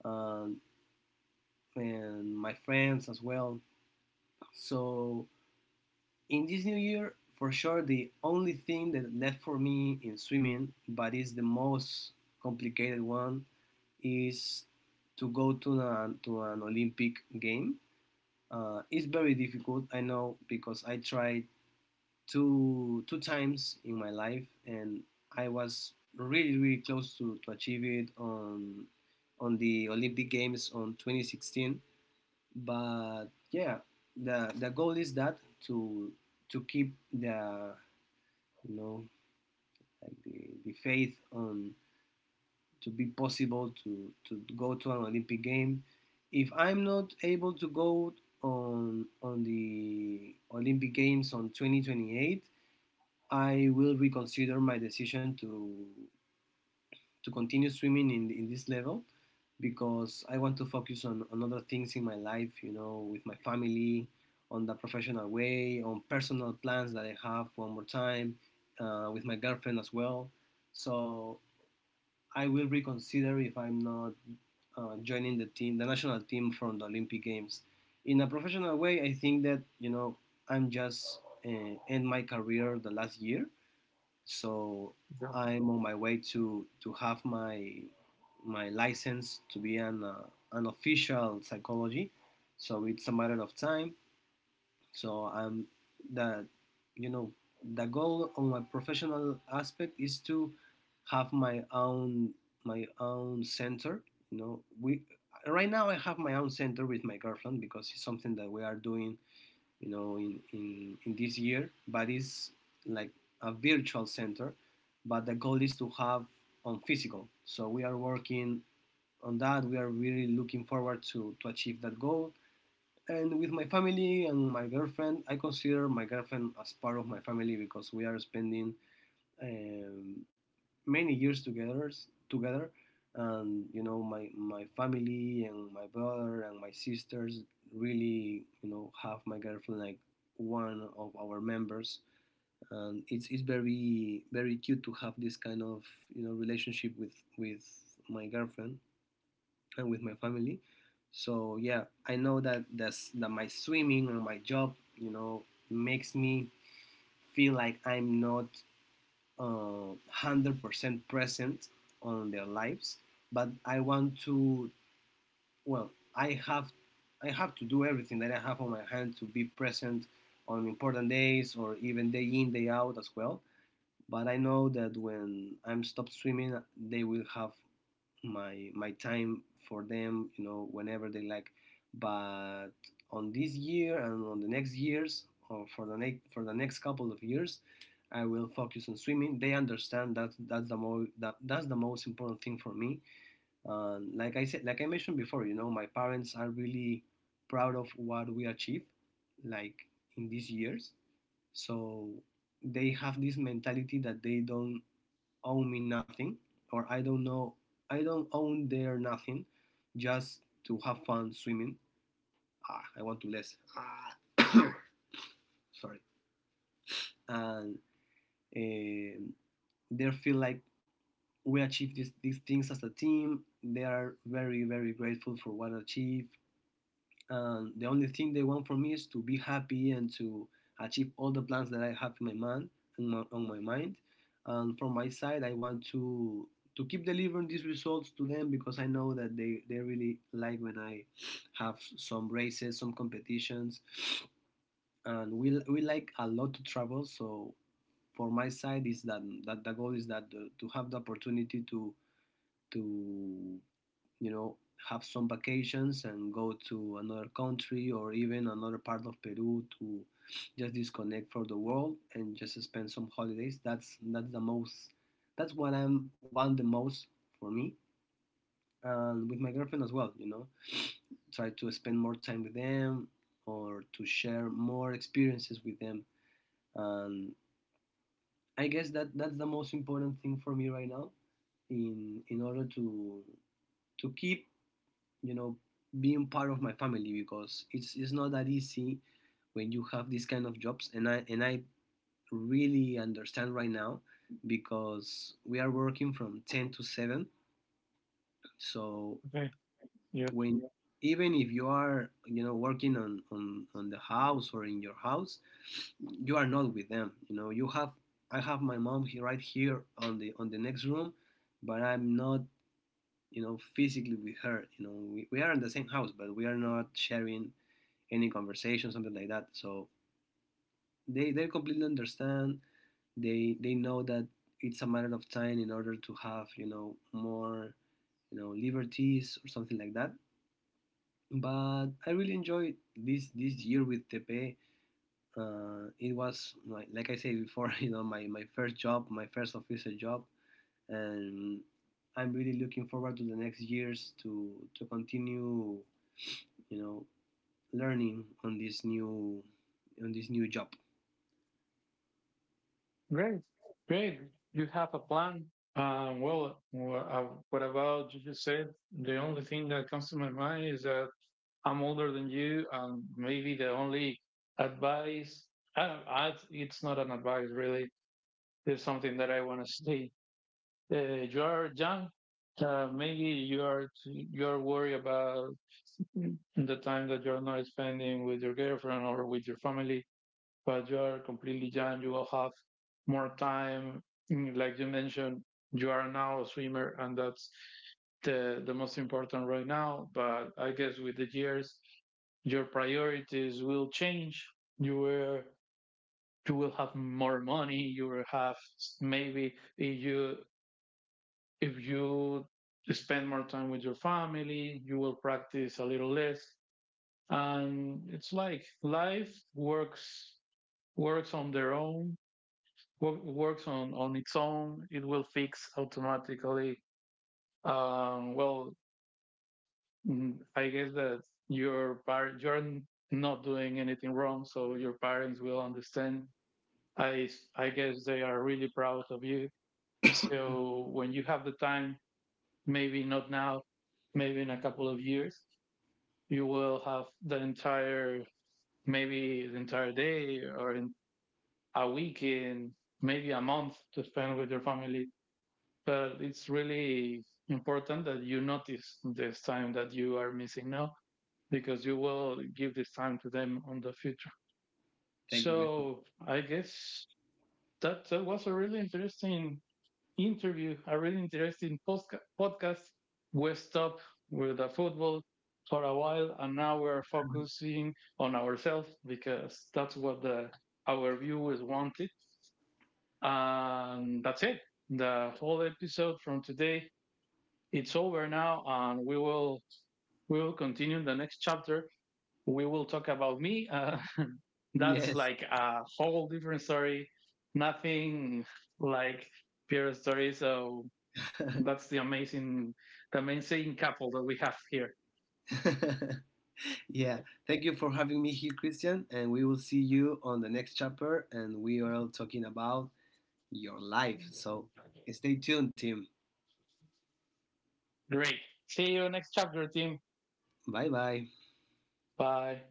Speaker 2: uh, and my friends as well. So in this new year, for sure, the only thing that left for me in swimming, but is the most complicated one, is to go to an Olympic game. It's very difficult, I know, because I tried two times in my life, and I was really really close to achieve it on the Olympic Games on 2016. But yeah, the goal is that, to to keep the you know like the faith on to be possible to go to an Olympic game. If I'm not able to go on the Olympic games on 2028, I will reconsider my decision to continue swimming in this level, because I want to focus on other things in my life, with my family, on the professional way, on personal plans that I have, one more time, with my girlfriend as well. So I will reconsider if I'm not, joining the team, the national team, from the Olympic Games. In a professional way, I think that, I'm just, end my career the last year, so I'm on my way to have my license to be an official psychology. So it's a matter of time. So I'm the you know the goal on my professional aspect is to have my own center. You know we right now I have my own center with my girlfriend, because it's something that we are doing, in this year, but it's like a virtual center. But the goal is to have on physical. So we are working on that. We are really looking forward to achieve that goal. And with my family and my girlfriend, I consider my girlfriend as part of my family, because we are spending, um, many years together together and, my family and my brother and my sisters really, have my girlfriend like one of our members. And it's very, very cute to have this kind of, relationship with my girlfriend and with my family. So yeah, I know that that's that my swimming and my job, makes me feel like I'm not, one hundred percent present on their lives. But I want to, well, I have to do everything that I have on my hand to be present on important days, or even day in day out as well. But I know that when I'm stopped swimming, they will have my time for them, whenever they like. But on this year and on the next years, or for the next couple of years, I will focus on swimming. They understand that, that's the most important thing for me. And like I said, like I mentioned before, my parents are really proud of what we achieved, like, in these years. So they have this mentality, that they don't owe me nothing, or I don't know, I don't own their nothing, just to have fun swimming. I want to less. Sorry. And, um they feel like we achieved these things as a team. They are very, very grateful for what I achieved. And the only thing they want from me is to be happy, and to achieve all the plans that I have in my mind, on my mind. And from my side, I want to keep delivering these results to them, because I know that they really like when I have some races, some competitions, and we like a lot to travel. So for my side, is that that the goal is that the, to have the opportunity to you know have some vacations and go to another country, or even another part of Peru, to just disconnect from the world and just spend some holidays. That's the most, that's what I'm want the most for me, and with my girlfriend as well. Try to spend more time with them, or to share more experiences with them. And I guess that that's the most important thing for me right now, in order to keep, you know being part of my family, because it's not that easy when you have these kind of jobs. And I really understand right now, because we are working from 10 to 7. So
Speaker 1: Okay. Yeah.
Speaker 2: when, even if you are, working on, on the house or in your house, you are not with them. You have I have my mom here, right here, on the next room, but I'm not, physically with her. We are in the same house, but we are not sharing any conversation, something like that. So they completely understand. They know that it's a matter of time in order to have, more, liberties, or something like that. But I really enjoyed this year with Tepe. It was like I said before, my first job, my first official job. And I'm really looking forward to the next years to continue, you know, learning on this new job.
Speaker 1: Great. Great. You have a plan. Well, what about you just said? The only thing that comes to my mind is that I'm older than you, and maybe the only advice, I don't, I, it's not an advice really, there's something that I want to say, uh, you are young. Maybe you are worried about the time that you are not spending with your girlfriend or with your family, but you are completely young. You will have more time. Like you mentioned, you are now a swimmer, and that's the most important right now. But I guess with the years, your priorities will change. You will you will have more money. You will have, maybe if you spend more time with your family, you will practice a little less. And it's like life works on their own, works on its own. It will fix automatically. Um, well, I guess that you're not doing anything wrong, so your parents will understand. I I guess they are really proud of you. So when you have the time, maybe not now, maybe in a couple of years, you will have the entire, maybe the entire day or in a week in maybe a month to spend with your family. But it's really important that you notice this time that you are missing now, because you will give this time to them on the future.
Speaker 2: Thank you, Christian.
Speaker 1: So I guess that, that was a really interesting interview, a really interesting podcast. We stopped with the football for a while, and now we're
Speaker 2: Mhm.
Speaker 1: focusing on ourselves because that's what the, our viewers wanted. And that's it. The whole episode from today it's over now, and we will continue the next chapter. We will talk about me. That's
Speaker 2: Yes.
Speaker 1: like a whole different story. Nothing like Pierre's story. So that's the amazing couple that we have here.
Speaker 2: Yeah. Thank you for having me here, Christian. And we will see you on the next chapter. And we are talking about your life. So stay tuned, team.
Speaker 1: Great. See you next chapter, team.
Speaker 2: Bye bye.
Speaker 1: Bye.